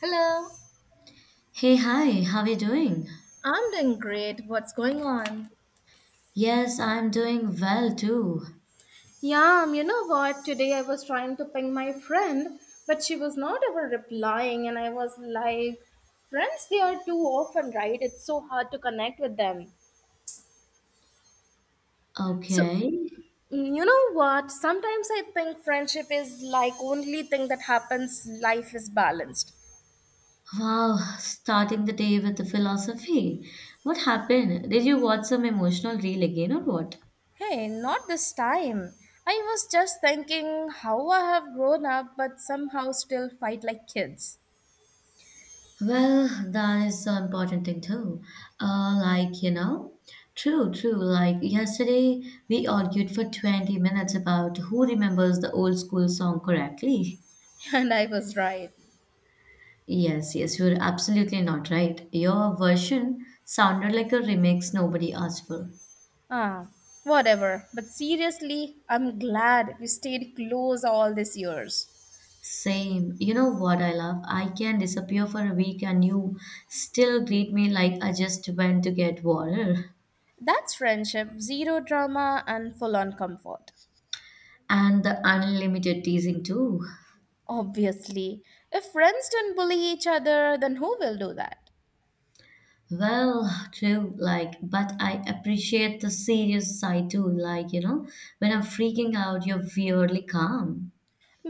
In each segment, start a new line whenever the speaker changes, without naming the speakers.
Hello.
Hey, hi, how are you doing?
I'm doing great. What's going on?
Yes, I'm doing well too.
Yeah, you know what? Today I was trying to ping my friend, but she was not ever replying, and I was like, friends, they are too often, right? It's so hard to connect with them. So,
Okay.
you know what? Sometimes I think friendship is like only thing that happens, life is balanced.
Wow, starting the day with the philosophy. What happened? Did you watch some emotional reel again or what?
Hey, not this time. I was just thinking how I have grown up but somehow still fight like kids.
Well, that is so important thing too. Like, true, true. Like yesterday, we argued for 20 minutes about who remembers the old school song correctly.
And I was right.
Yes, yes, you're absolutely not right. Your version sounded like a remix nobody asked for.
Ah, whatever. But seriously, I'm glad we stayed close all these years.
Same. You know what I love? I can disappear for a week and you still greet me like I just went to get water.
That's friendship, zero drama and full on comfort.
And the unlimited teasing too.
Obviously, if friends don't bully each other, then who will do that?
Well, true, like, but I appreciate the serious side too. Like, when I'm freaking out, you're weirdly calm.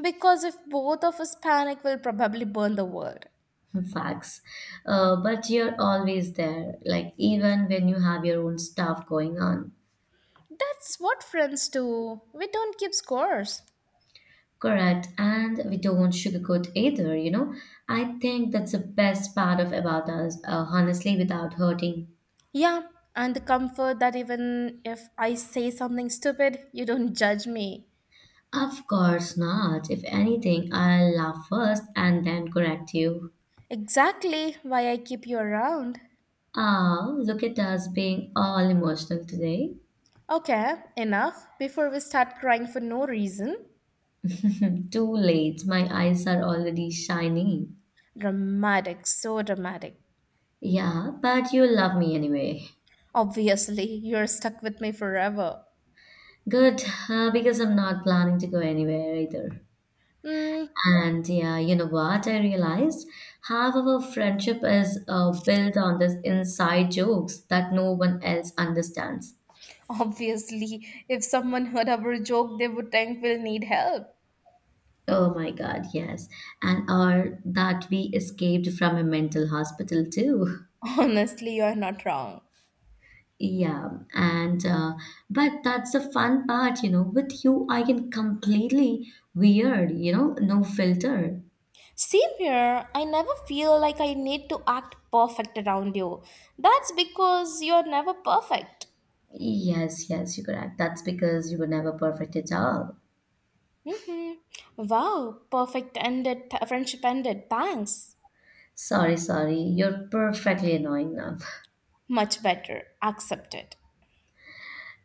Because if both of us panic, we'll probably burn the world.
Facts. But you're always there, like, even when you have your own stuff going on.
That's what friends do. We don't keep scores.
Correct. And we don't sugarcoat either. I think that's the best part of about us, honestly, without hurting.
Yeah, and the comfort that even if I say something stupid, you don't judge me.
Of course not. If anything, I'll laugh first and then correct you.
Exactly why I keep you around.
Ah, look at us being all emotional today.
Okay, enough. Before we start crying for no reason.
Too late. My eyes are already shiny.
Dramatic, so dramatic.
Yeah, but you love me anyway.
Obviously, you're stuck with me forever.
Good, because I'm not planning to go anywhere either.
Hmm,
And yeah, you know what? I realized half of our friendship is built on this inside jokes that no one else understands.
obviously, if someone heard our joke, they would think we'll need help.
Oh my God, yes. And or that we escaped from a mental hospital too.
Honestly, you're not wrong.
Yeah, and but that's the fun part. With you, I can completely weird, no filter.
Same here, I never feel like I need to act perfect around you. That's because you're never perfect.
Yes, yes, you're correct. That's because you were never perfect at all.
Mm-hmm. Wow, perfect ended, friendship ended. Thanks.
Sorry, sorry. You're perfectly annoying now.
Much better. Accepted.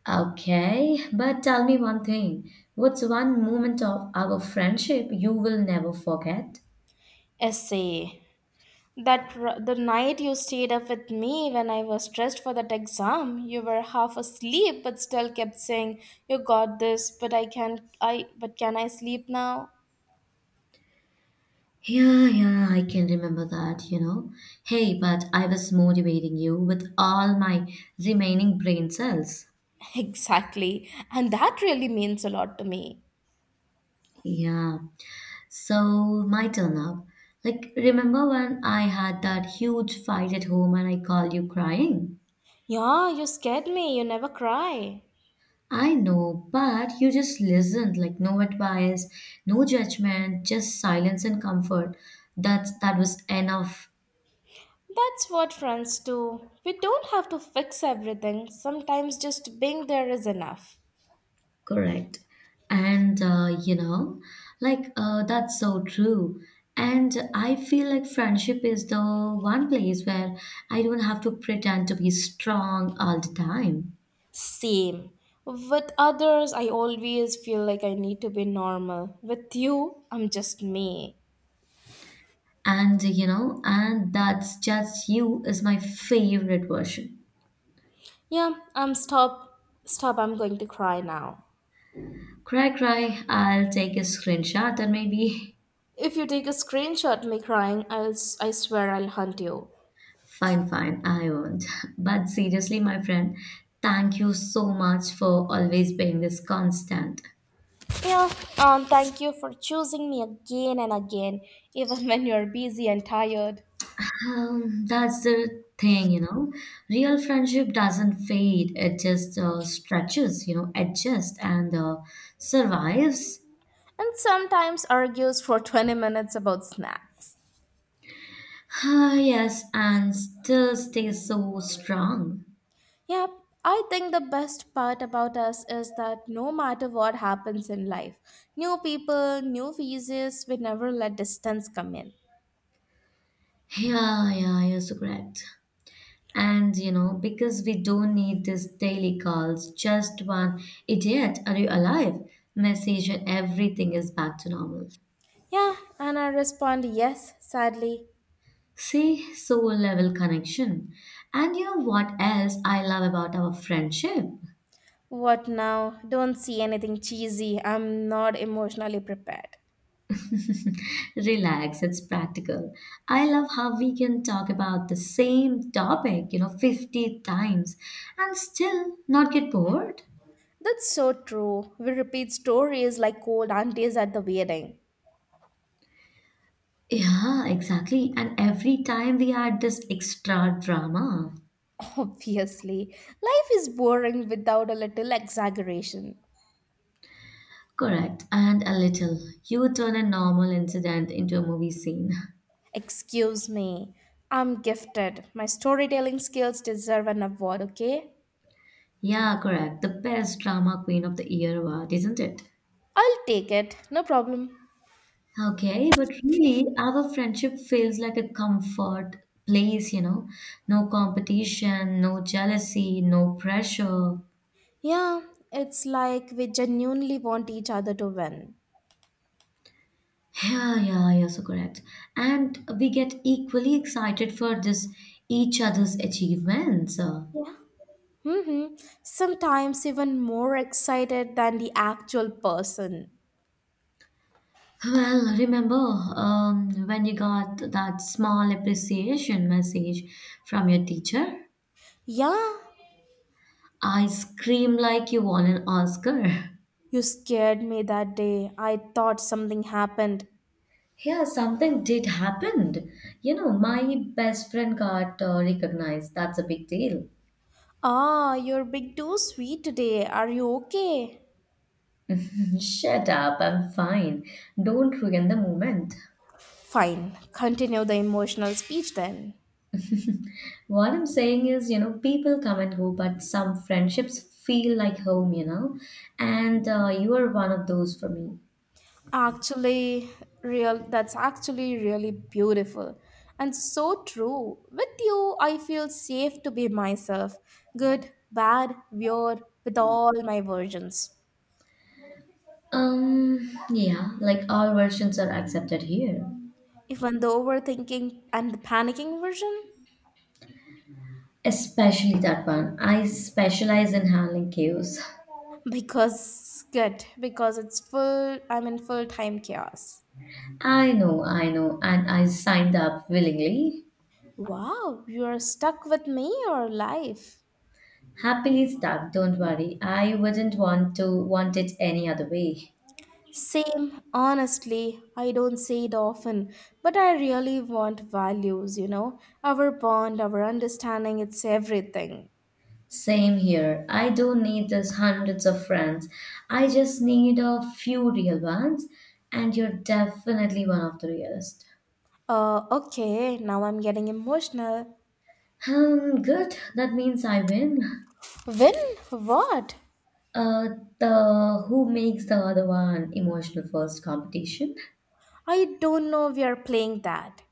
Okay, but tell me one thing. What's one moment of our friendship you will never forget?
Essay. The night you stayed up with me when I was stressed for that exam, you were half asleep but still kept saying, "You got this," but I can't. I but can I sleep now?
Yeah, yeah, I can remember that. Hey, but I was motivating you with all my remaining brain cells.
Exactly, and that really means a lot to me.
Yeah, so my turn up. Like, remember when I had that huge fight at home and I called you crying?
Yeah, you scared me. You never cry.
I know, but you just listened, like no advice, no judgment, just silence and comfort. That was enough,
That's what friends do. We don't have to fix everything. Sometimes just being there is enough.
correct? And like that's so true. And I feel like friendship is the one place where I don't have to pretend to be strong all the time.
Same. With others, I always feel like I need to be normal. With you, I'm just me.
And that's just you is my favorite version.
Yeah, I'm stop. Stop, I'm going to cry now.
Cry, cry, I'll take a screenshot and maybe.
If you take a screenshot me crying, I swear I'll hunt you.
Fine, fine, I won't. But seriously, my friend, thank you so much for always being this constant.
Yeah, thank you for choosing me again and again, even when you're busy and tired.
That's the thing. Real friendship doesn't fade, it just stretches, adjusts and survives.
And sometimes argues for 20 minutes about snacks.
Ah, yes, and still stays so strong.
Yep, I think the best part about us is that no matter what happens in life, new people, new faces, we never let distance come in.
Yeah, yeah, you're so correct. And because we don't need these daily calls, just one idiot, are you alive? Message and everything is back to normal.
Yeah, and I respond yes, sadly.
See, soul level connection. And you know what else I love about our friendship?
What now? Don't see anything cheesy. I'm not emotionally prepared.
Relax, it's practical. I love how we can talk about the same topic, 50 times and still not get bored.
That's so true. We repeat stories like old aunties at the wedding.
Yeah, exactly. And every time we add this extra drama.
Obviously, life is boring without a little exaggeration.
Correct, and a little. You turn a normal incident into a movie scene.
Excuse me, I'm gifted. My storytelling skills deserve an award, okay?
Yeah, correct. The best drama queen of the year award, isn't it?
I'll take it, no problem.
Okay, but really, our friendship feels like a comfort place. No competition, no jealousy, no pressure.
Yeah, it's like we genuinely want each other to win.
Yeah, yeah, yeah, so correct. And we get equally excited for this each other's achievements.
Mm-hmm. Sometimes even more excited than the actual person.
Well, remember when you got that small appreciation message from your teacher?
Yeah,
I screamed like you won an Oscar.
you scared me that day. I thought something happened.
Yeah, something did happen. You know, my best friend got recognized. That's a big deal.
Ah, you're big too sweet today. Are you okay?
Shut up, I'm fine. Don't ruin the moment.
Fine, continue the emotional speech then.
What I'm saying is, people come and go, but some friendships feel like home, and you are one of those for me.
Actually, real that's actually really beautiful and so true. With you, I feel safe to be myself, good, bad, weird, with all my versions.
Yeah, like all versions are accepted here.
Even the overthinking and the panicking version,
Especially that one. I specialize in handling queues.
because it's full, I'm in full time chaos.
I know, and I signed up willingly.
Wow, you are stuck with me or life?
Happily stuck, don't worry. I wouldn't want it any other way.
Same, honestly, I don't say it often, but I really want values, you know? Our bond, our understanding, it's everything.
Same here. I don't need these hundreds of friends. I just need a few real ones, and you're definitely one of the realest.
Okay, now I'm getting emotional.
Good. That means I win.
When? What?
Uh, the who makes the other one emotional first competition.
I don't know we are playing that.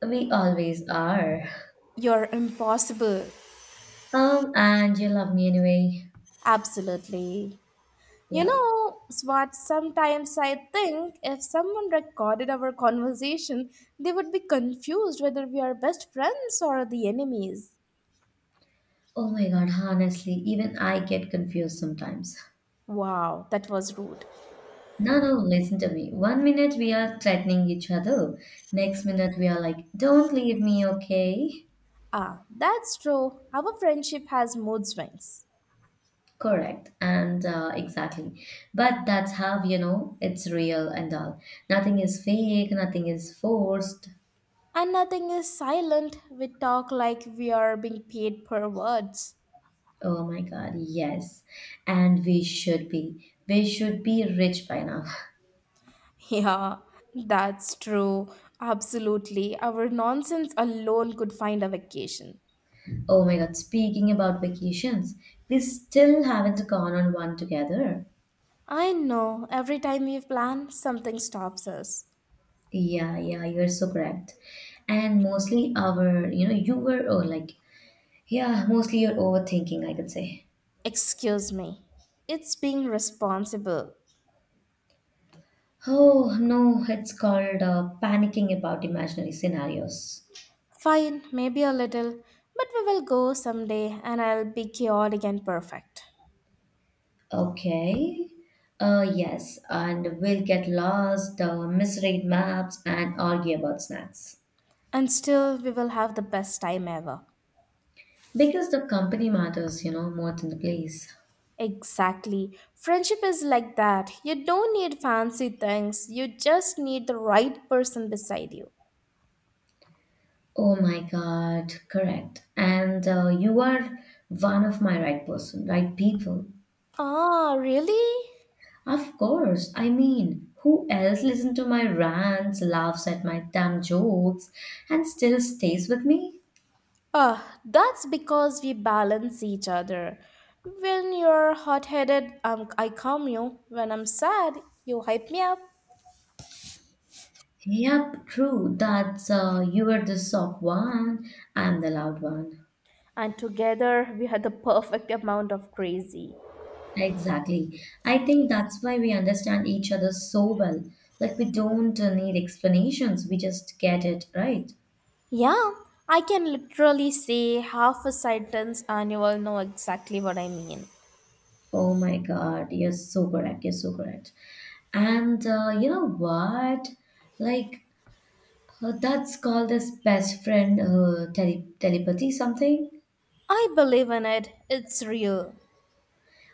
We always are.
You're impossible.
And you love me anyway.
Absolutely. You
Yeah.
know, Swat, sometimes I think if someone recorded our conversation, they would be confused whether we are best friends or the enemies.
Oh my God, honestly, even I get confused sometimes.
Wow, that was rude.
No, no, listen to me. One minute we are threatening each other. Next minute we are like, don't leave me, okay?
Ah, that's true. Our friendship has mood swings.
Correct. And exactly. But that's how, it's real and all. Nothing is fake, nothing is forced.
And nothing is silent. We talk like we are being paid per words.
Oh my God, yes. And we should be. We should be rich by now.
Yeah, that's true. Absolutely. Our nonsense alone could find a vacation.
Oh my God, speaking about vacations, we still haven't gone on one together.
I know. Every time we plan, something stops us.
Yeah, yeah, you're so correct. And mostly our, you were oh, like, yeah, mostly you're overthinking, I could say.
Excuse me. It's being responsible.
Oh no, it's called panicking about imaginary scenarios.
Fine, maybe a little, but we will go someday and I'll be chaotic and perfect.
Okay. Yes, and we'll get lost, misread maps, and argue about snacks.
And still, we will have the best time ever.
Because the company matters, more than the place.
Exactly. Friendship is like that. You don't need fancy things, you just need the right person beside you.
Oh my God, correct. And you are one of my right person, right people.
Ah, really?
Of course, I mean, who else listens to my rants, laughs at my dumb jokes, and still stays with me?
Ah, that's because we balance each other. When you're hot headed, I calm you. When I'm sad, you hype me up.
Yep, true. That's you are the soft one, I'm the loud one.
And together, we had the perfect amount of crazy.
Exactly. I think that's why we understand each other so well. Like we don't need explanations, we just get it right.
Yeah, I can literally say half a sentence and you will know exactly what I mean.
Oh my God, you're so correct. You're so correct. And you know what? Like that's called as best friend telepathy something.
I believe in it. It's real.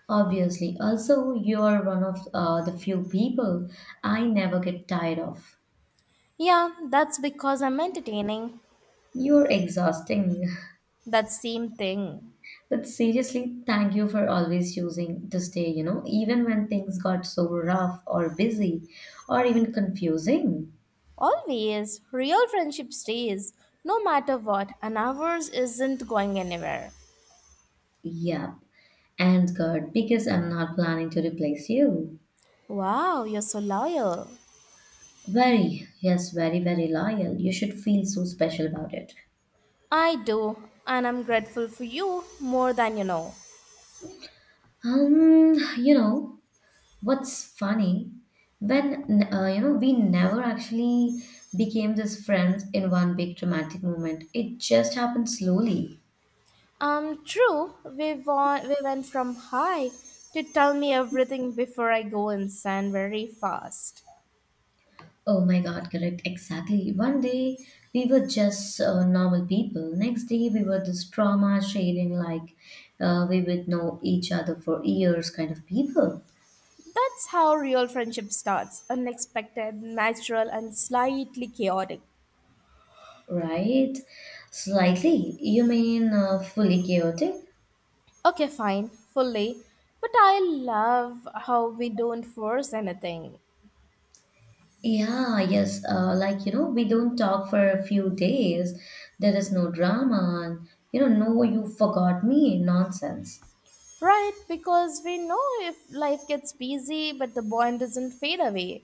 Obviously. Also, you're one of the few people I never get tired of.
Yeah, that's because I'm entertaining.
You're exhausting.
That same thing.
But seriously, thank you for always choosing to stay, even when things got so rough or busy or even confusing.
Always. Real friendship stays, no matter what, and ours isn't going anywhere.
Yep. And good because I'm not planning to replace you.
Wow, you're so loyal.
Very, yes, very, very loyal. You should feel so special about it.
I do, and I'm grateful for you more than you know.
Um, you know, what's funny, when we never actually became this friends in one big dramatic moment. It just happened slowly.
True, we went from high to tell me everything before I go insane very fast.
Oh my God, correct. Exactly. One day we were just normal people. Next day we were this trauma sharing, like we would know each other for years kind of people,
That's how real friendship starts unexpected, natural, and slightly chaotic.
right? Slightly. You mean fully chaotic?
Okay, fine, fully. But I love how we don't force anything.
Yeah, yes. Like, we don't talk for a few days. There is no drama. And no, you forgot me nonsense.
Right? Because we know if life gets busy, but the bond doesn't fade away.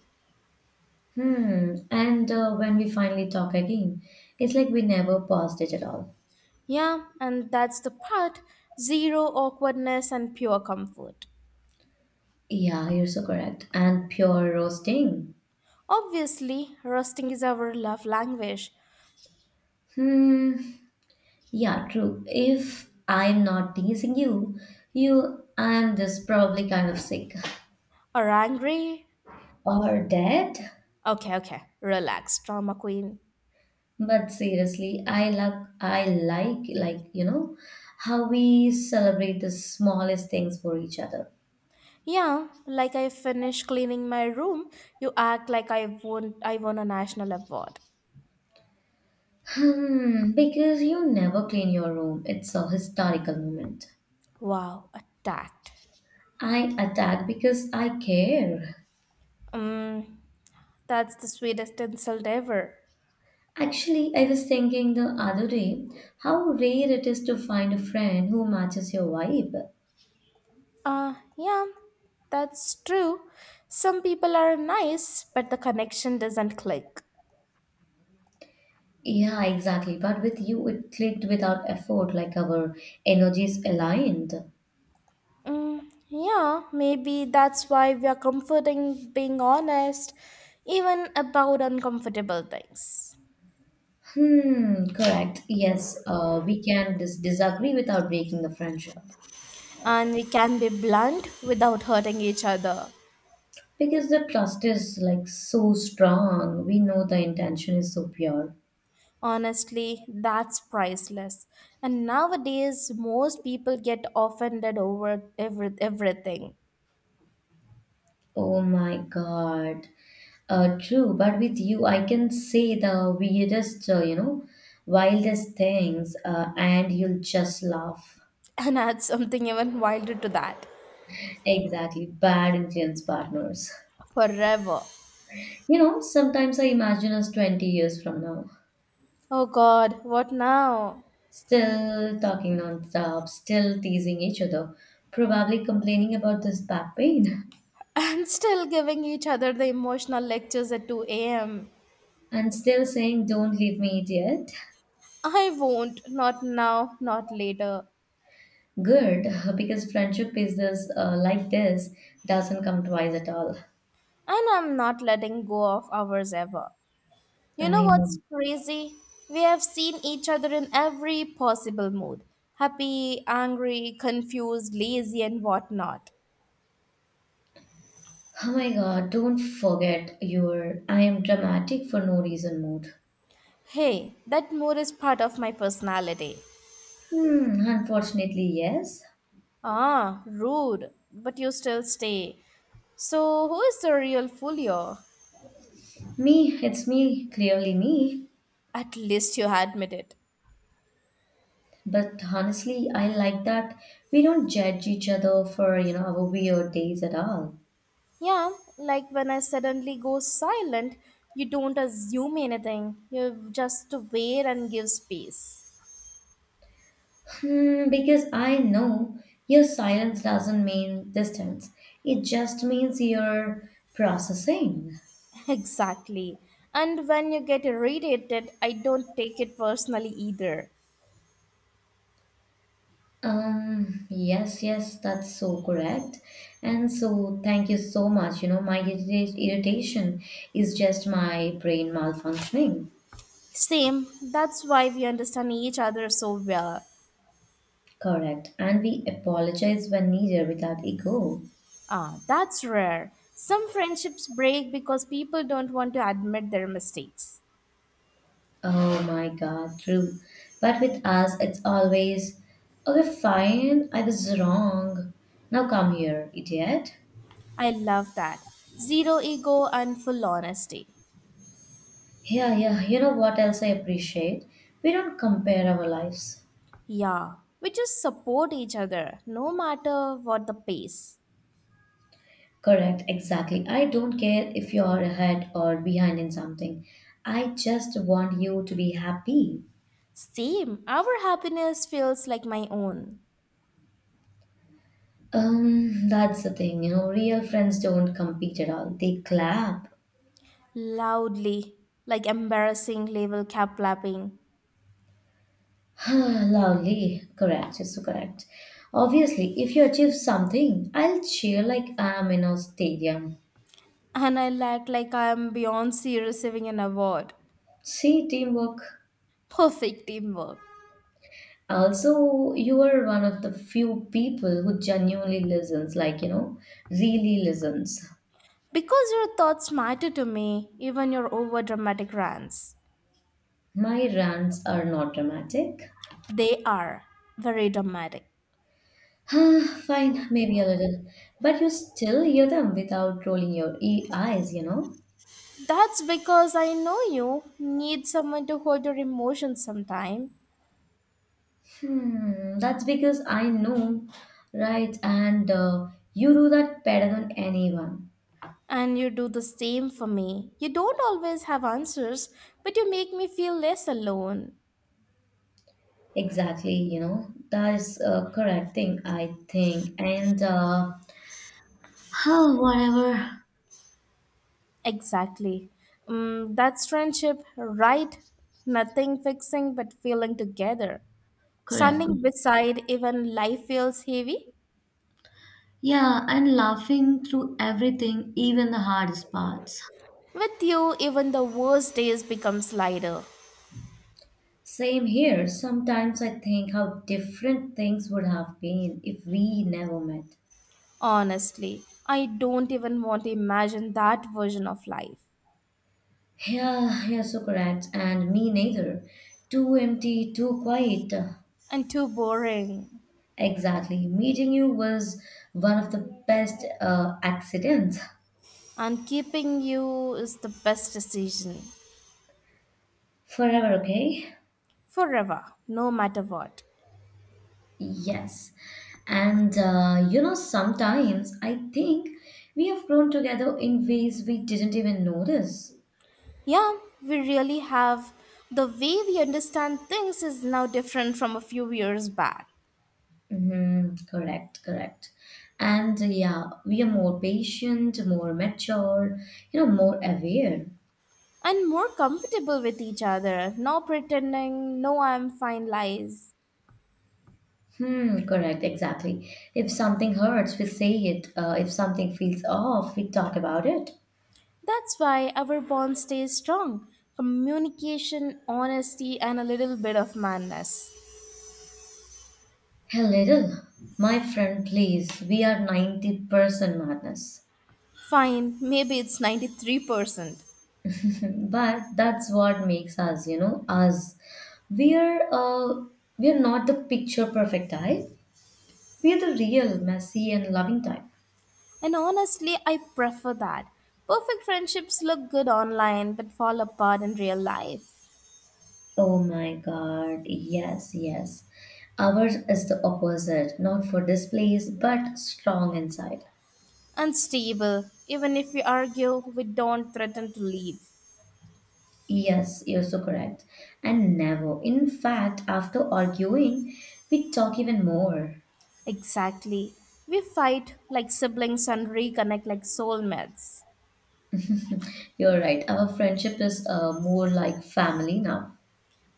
Hmm. And when we finally talk again, it's like we never paused it at all.
Yeah, and that's the part zero awkwardness and pure comfort.
Yeah, you're so correct. And pure roasting.
Obviously, rusting is our love language.
Hmm. Yeah, true. If I'm not teasing you, I'm just probably kind of sick
Are angry?
or dead.
Okay, okay, relax, drama queen.
But seriously, I like you know how we celebrate the smallest things for each other.
Yeah, like I finish cleaning my room, you act like I won a national award.
Hmm. Because you never clean your room. It's a historical moment.
Wow, attacked.
I attack because I care.
Um, that's the sweetest insult ever.
Actually, I was thinking the other day how rare it is to find a friend who matches your vibe.
Yeah, that's true. Some people are nice, but the connection doesn't click.
Yeah, exactly. But with you, it clicked without effort, like our energies aligned.
Mm, yeah, maybe that's why we are comforting being honest, even about uncomfortable things.
Hmm, correct. Yes, we can disagree without breaking the friendship.
And we can be blunt without hurting each other.
Because the trust is like so strong, we know the intention is so pure.
Honestly, that's priceless. And nowadays, most people get offended over everything.
Oh my God. True, but with you, I can say the weirdest, wildest things, and you'll just laugh.
And add something even wilder to that.
Exactly, bad influence partners.
Forever.
Sometimes I imagine us 20 years from now,
Oh god, what now?
still talking non-stop, still teasing each other, probably complaining about this back pain,
And still giving each other the emotional lectures at 2 am.
and still saying, "Don't leave me, idiot."
I won't. Not now, not later.
Good, because friendship is like this, doesn't come twice at all.
And I'm not letting go of ours ever. You know
I
what's
know.
crazy? We have seen each other in every possible mood happy, angry, confused, lazy, and whatnot.
Oh my God, don't forget your I am dramatic for no reason mood.
Hey, that mood is part of my personality.
Hmm, unfortunately, yes.
Ah, rude, but you still stay. So, who is the real fool here?
Me, it's me, clearly me.
At least you admit it.
But honestly, I like that we don't judge each other for, our weird days at all.
Yeah, like when I suddenly go silent, you don't assume anything, you just wait and give space.
Hmm, because I know your silence doesn't mean distance. It just means you're processing.
Exactly. And when you get irritated, I don't take it personally either.
Yes, yes, that's so correct. And so, thank you so much. You know, my irritation is just my brain malfunctioning.
Same, that's why we understand each other so well.
Correct. And we apologize when needed without ego.
Ah, that's rare. Some friendships break because people don't want to admit their mistakes.
Oh my God, true. But with us, it's always, okay, fine, I was wrong. Now come here, idiot.
I love that. Zero ego and full honesty.
Yeah, yeah, you know what else I appreciate? We don't compare our lives.
Yeah, we just support each other no matter what the pace.
Correct, exactly. I don't care if you're ahead or behind in something. I just want you to be happy.
Same, our happiness feels like my own.
That's the thing, real friends don't compete at all. They clap.
Loudly, like embarrassing level cap clapping.
Loudly. Correct, it's so correct. Obviously, if you achieve something, I'll cheer like I'm in a stadium.
And I act like I am Beyonce receiving an award.
See, teamwork.
Perfect teamwork.
Also, you are one of the few people who genuinely listens, like, really listens.
Because your thoughts matter to me, even your over dramatic rants.
My rants are not dramatic.
They are very dramatic.
Fine, maybe a little. But you still hear them without rolling your eyes, you know?
That's because I know you need someone to hold your emotions sometime.
Hmm, that's because I know, right? And you do that better than anyone.
And you do the same for me. You don't always have answers, but you make me feel less alone.
Exactly, you know? That is a correct thing, I think. Oh, whatever.
Exactly. That's friendship, right? Nothing fixing but feeling together.
Correct.
Standing beside even life feels heavy.
Yeah, and laughing through everything, even the hardest parts.
With you, even the worst days becomes lighter.
Same here. Sometimes I think how different things would have been if we never met.
Honestly, I don't even want to imagine that version of life.
Yeah, you're so correct. And me neither. Too empty, too quiet.
And too boring.
Exactly. Meeting you was one of the best accidents.
And keeping you is the best decision.
Forever, okay?
Forever, no matter what.
Yes. And you know, sometimes I think we have grown together in ways we didn't even notice.
Yeah, we really have. The way we understand things is now different from a few years back
Mm-hmm. Correct, correct. And yeah, we are more patient, more mature, you know, more aware.
and more comfortable with each other. No pretending, no I'm fine lies.
Hmm, correct, exactly. If something hurts, we say it. If something feels off, we talk about it.
That's why our bond stays strong. Communication, honesty, and a little bit of madness.
A little, my friend, please, we are 90% madness.
Fine, maybe it's 93%.
But that's what makes us, you know, us. We're uh, we're not the picture perfect type. We're the real messy and loving type.
And honestly, I prefer that. Perfect friendships look good online but fall apart in real life.
Oh my God, yes, yes. Ours is the opposite, not for displays, but strong inside.
Unstable. Even if we argue, we don't threaten to leave.
Yes, you're so correct. And never. In fact, after arguing, we talk even more.
Exactly. We fight like siblings and reconnect like soulmates.
You're right. Our friendship is more like family now.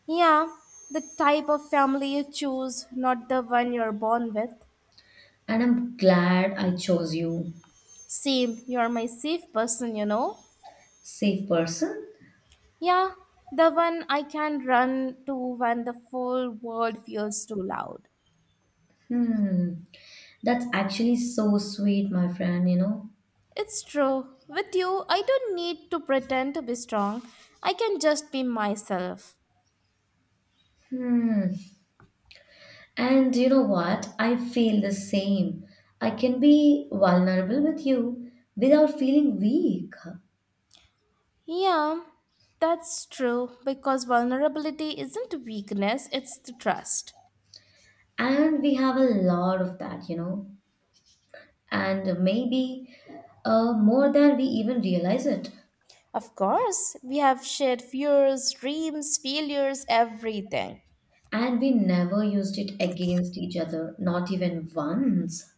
Yeah, the type of family you choose, not the one you're born with.
And I'm glad I chose you.
Same, you're my safe person, you know?
Safe person?
Yeah, the one I can run to when the full world feels too loud.
Hmm. That's actually so sweet, my friend, you know?
It's true. With you, I don't need to pretend to be strong. I can just be myself.
Hmm. And you know what? I feel the same. I can be vulnerable with you without feeling weak.
Yeah, that's true because vulnerability isn't weakness, it's the trust.
And we have a lot of that, you know. And maybe more than we even realize it.
Of course, we have shared fears, dreams, failures, everything.
And we never used it against each other, not even once.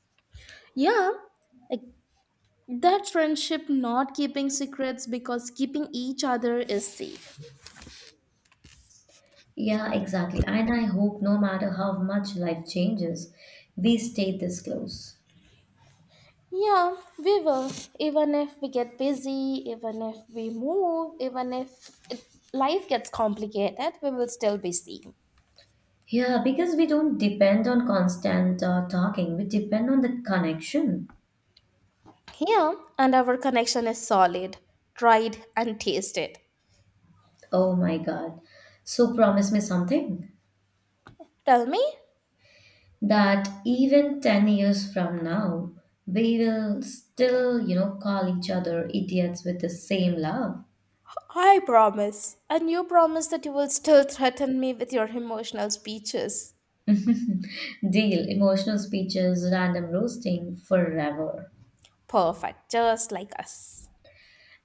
Yeah, like that friendship not keeping secrets because keeping each other is safe.
Yeah, exactly. And I hope no matter how much life changes, we stay this close.
Yeah, we will. Even if we get busy, even if we move, even if it, life gets complicated, we will still be seen.
Yeah, because we don't depend on constant talking, we depend on the connection.
Yeah, and our connection is solid, tried and tasted.
Oh my God. So promise me something
Tell me,
that even 10 years from now, we will still, you know, call each other idiots with the same love.
I promise. And you promise that you will still threaten me with your emotional speeches.
Deal, emotional speeches, random roasting forever.
Perfect, just like us.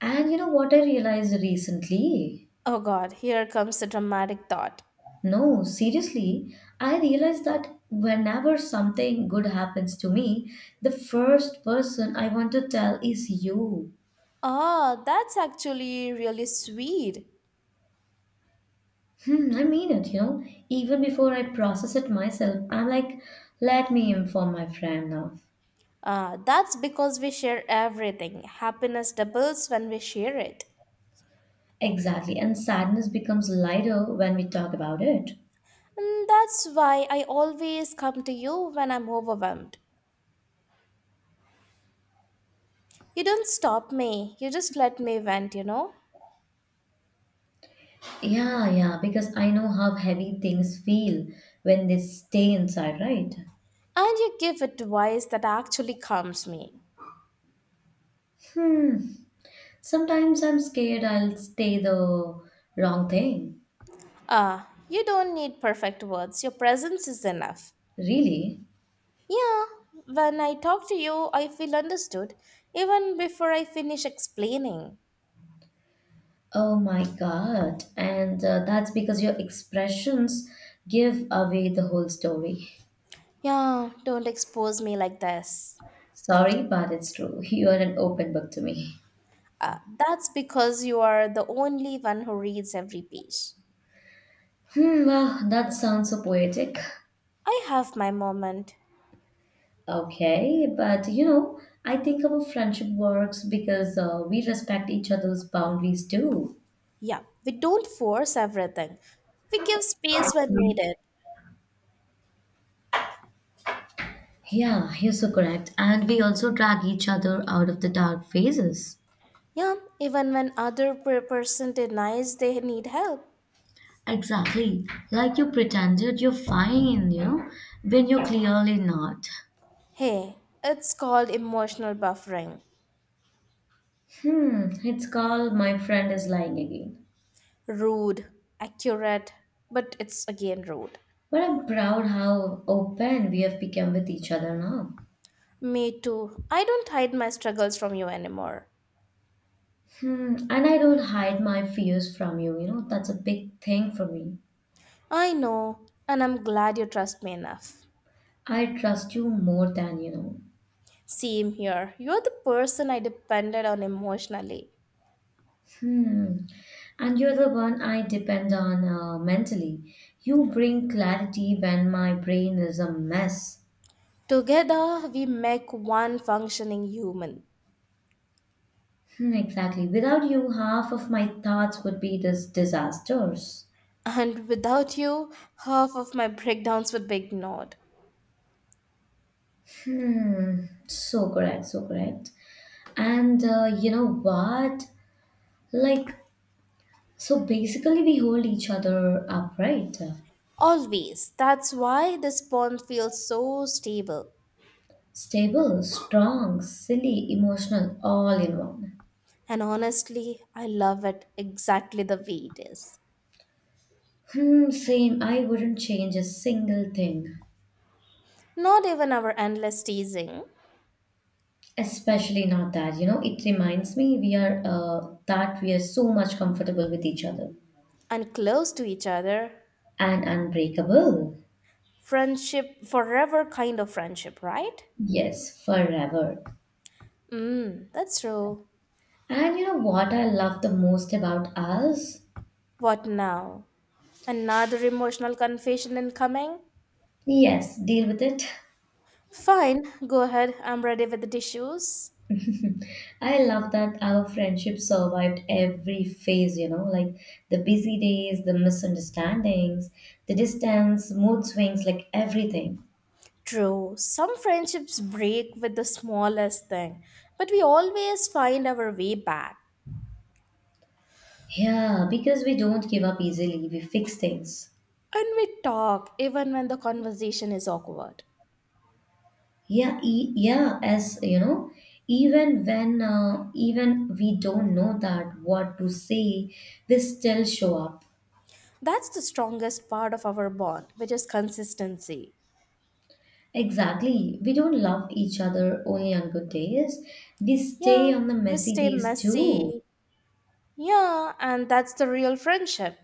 And you know what I realized recently?
Oh god, here comes the dramatic thought.
No, seriously, I realized that whenever something good happens to me, the first person I want to tell is you.
Ah, that's actually really sweet.
Hmm, I mean it, you know. Even before I process it myself, I'm like, let me inform my friend now.
Ah, that's because we share everything. Happiness doubles when we share it.
Exactly. And sadness becomes lighter when we talk about it.
And that's why I always come to you when I'm overwhelmed. You don't stop me, you just let me vent, you know?
Yeah, yeah, because I know how heavy things feel when they stay inside, right?
And you give advice that actually calms me.
Hmm. Sometimes I'm scared I'll say the wrong thing.
Ah, you don't need perfect words, your presence is enough.
Really?
Yeah, when I talk to you, I feel understood, even before I finish explaining.
Oh my God. And that's because your expressions give away the whole story.
Yeah, don't expose me like this.
Sorry, but it's true. You are an open book to me.
Ah, that's because you are the only one who reads every page.
Hmm, wow, that sounds so poetic.
I have my moment.
Okay, but you know, I think our friendship works because we respect each other's boundaries too.
Yeah, we don't force everything. We give space when needed.
Yeah, you're so correct. And we also drag each other out of the dark phases.
Yeah, even when other person denies they need help.
Exactly. Like you pretended you're fine, you know, when you're clearly not.
Hey, it's called emotional buffering.
Hmm, it's called My Friend is Lying Again.
Rude, accurate, but it's again rude.
But I'm proud how open we have become with each other now.
Me too. I don't hide my struggles from you anymore.
Hmm, and I don't hide my fears from you, you know, that's a big thing for me.
I know, and I'm glad you trust me enough.
I trust you more than you know.
Same here. You're the person I depended on emotionally.
Hmm. And you're the one I depend on mentally. You bring clarity when my brain is a mess.
Together, we make one functioning human.
Hmm, exactly. Without you, half of my thoughts would be this disasters.
And without you, half of my breakdowns would be ignored.
Hmm. So correct, so correct. And you know what? Like, so basically, we hold each other up, right?
Always. That's why this pond feels so stable.
Stable, strong, silly, emotional, all in one.
And honestly, I love it exactly the way it is.
Hmm, same. I wouldn't change a single thing.
Not even our endless teasing
Especially not that. You know, it reminds me we are that we are so much comfortable with each other
and close to each other.
and unbreakable.
Friendship, forever kind of friendship, right?
Yes, forever.
Hmm. That's true.
And you know what I love the most about us?
What now? Another emotional confession incoming?
Yes, deal with it.
Fine, go ahead. I'm ready with the tissues.
I love that our friendship survived every phase, you know, like the busy days, the misunderstandings, the distance, mood swings, like everything.
True, some friendships break with the smallest thing, but we always find our way back.
Yeah, because we don't give up easily, we fix things.
And we talk even when the conversation is awkward.
Yeah, as you know, even we don't know that what to say, we still show up.
That's the strongest part of our bond, which is consistency.
Exactly. We don't love each other only on good days. We stay
Yeah,
on the
we
messy
stay
days too.
messy. Yeah, and that's the real friendship.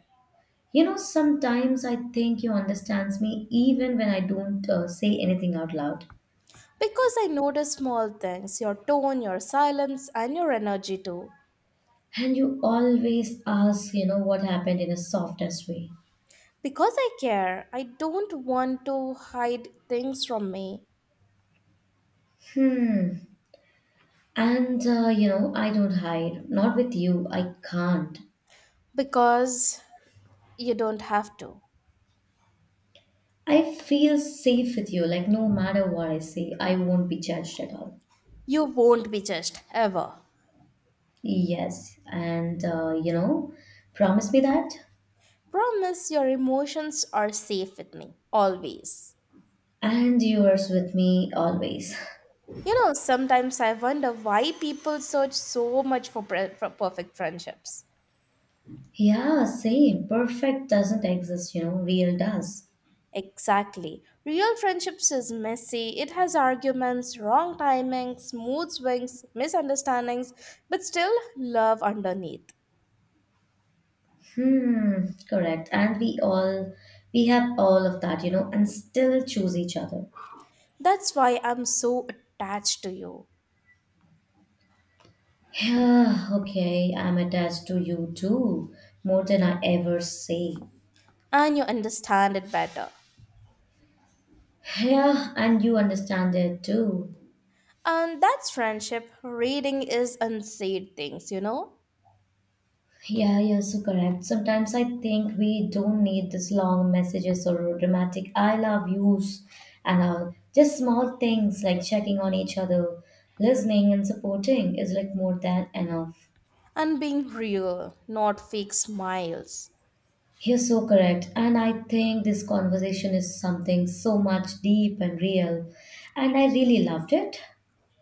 You know, sometimes I think you understands me even when I don't say anything out loud.
Because I notice small things your tone, your silence, and your energy too.
And you always ask, you know, what happened in a softest way.
Because I care, I don't want to hide things from me
Hmm. And, you know, I don't hide. Not with you. I can't.
because you don't have to.
I feel safe with you. Like, no matter what I say, I won't be judged at all.
You won't be judged ever.
Yes. And, you know, promise me that.
Promise your emotions are safe with me, always.
And yours with me always.
You know, sometimes I wonder why people search so much for perfect friendships.
Yeah, same. Perfect doesn't exist, you know, real does.
Exactly. Real friendships is messy. It has arguments, wrong timings, mood swings, misunderstandings, but still love underneath.
Hmm, correct. And we all, we have all of that, you know, and still choose each other.
That's why I'm so attached to you.
Yeah, okay, I'm attached to you too, more than I ever say.
And you understand it better.
Yeah, and you understand it too.
And that's friendship. Reading is unsaid things, you know?
Yeah, you're so correct. Sometimes I think we don't need this long messages or dramatic I love yous and all. Just small things like checking on each other, listening and supporting is like more than enough.
And being real, not fake smiles.
You're so correct. And I think this conversation is something so much deep and real. And I really loved it.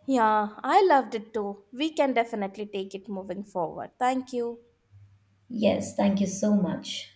Yeah, I loved it too. We can definitely take it moving forward. Thank you.
Yes, thank you so much.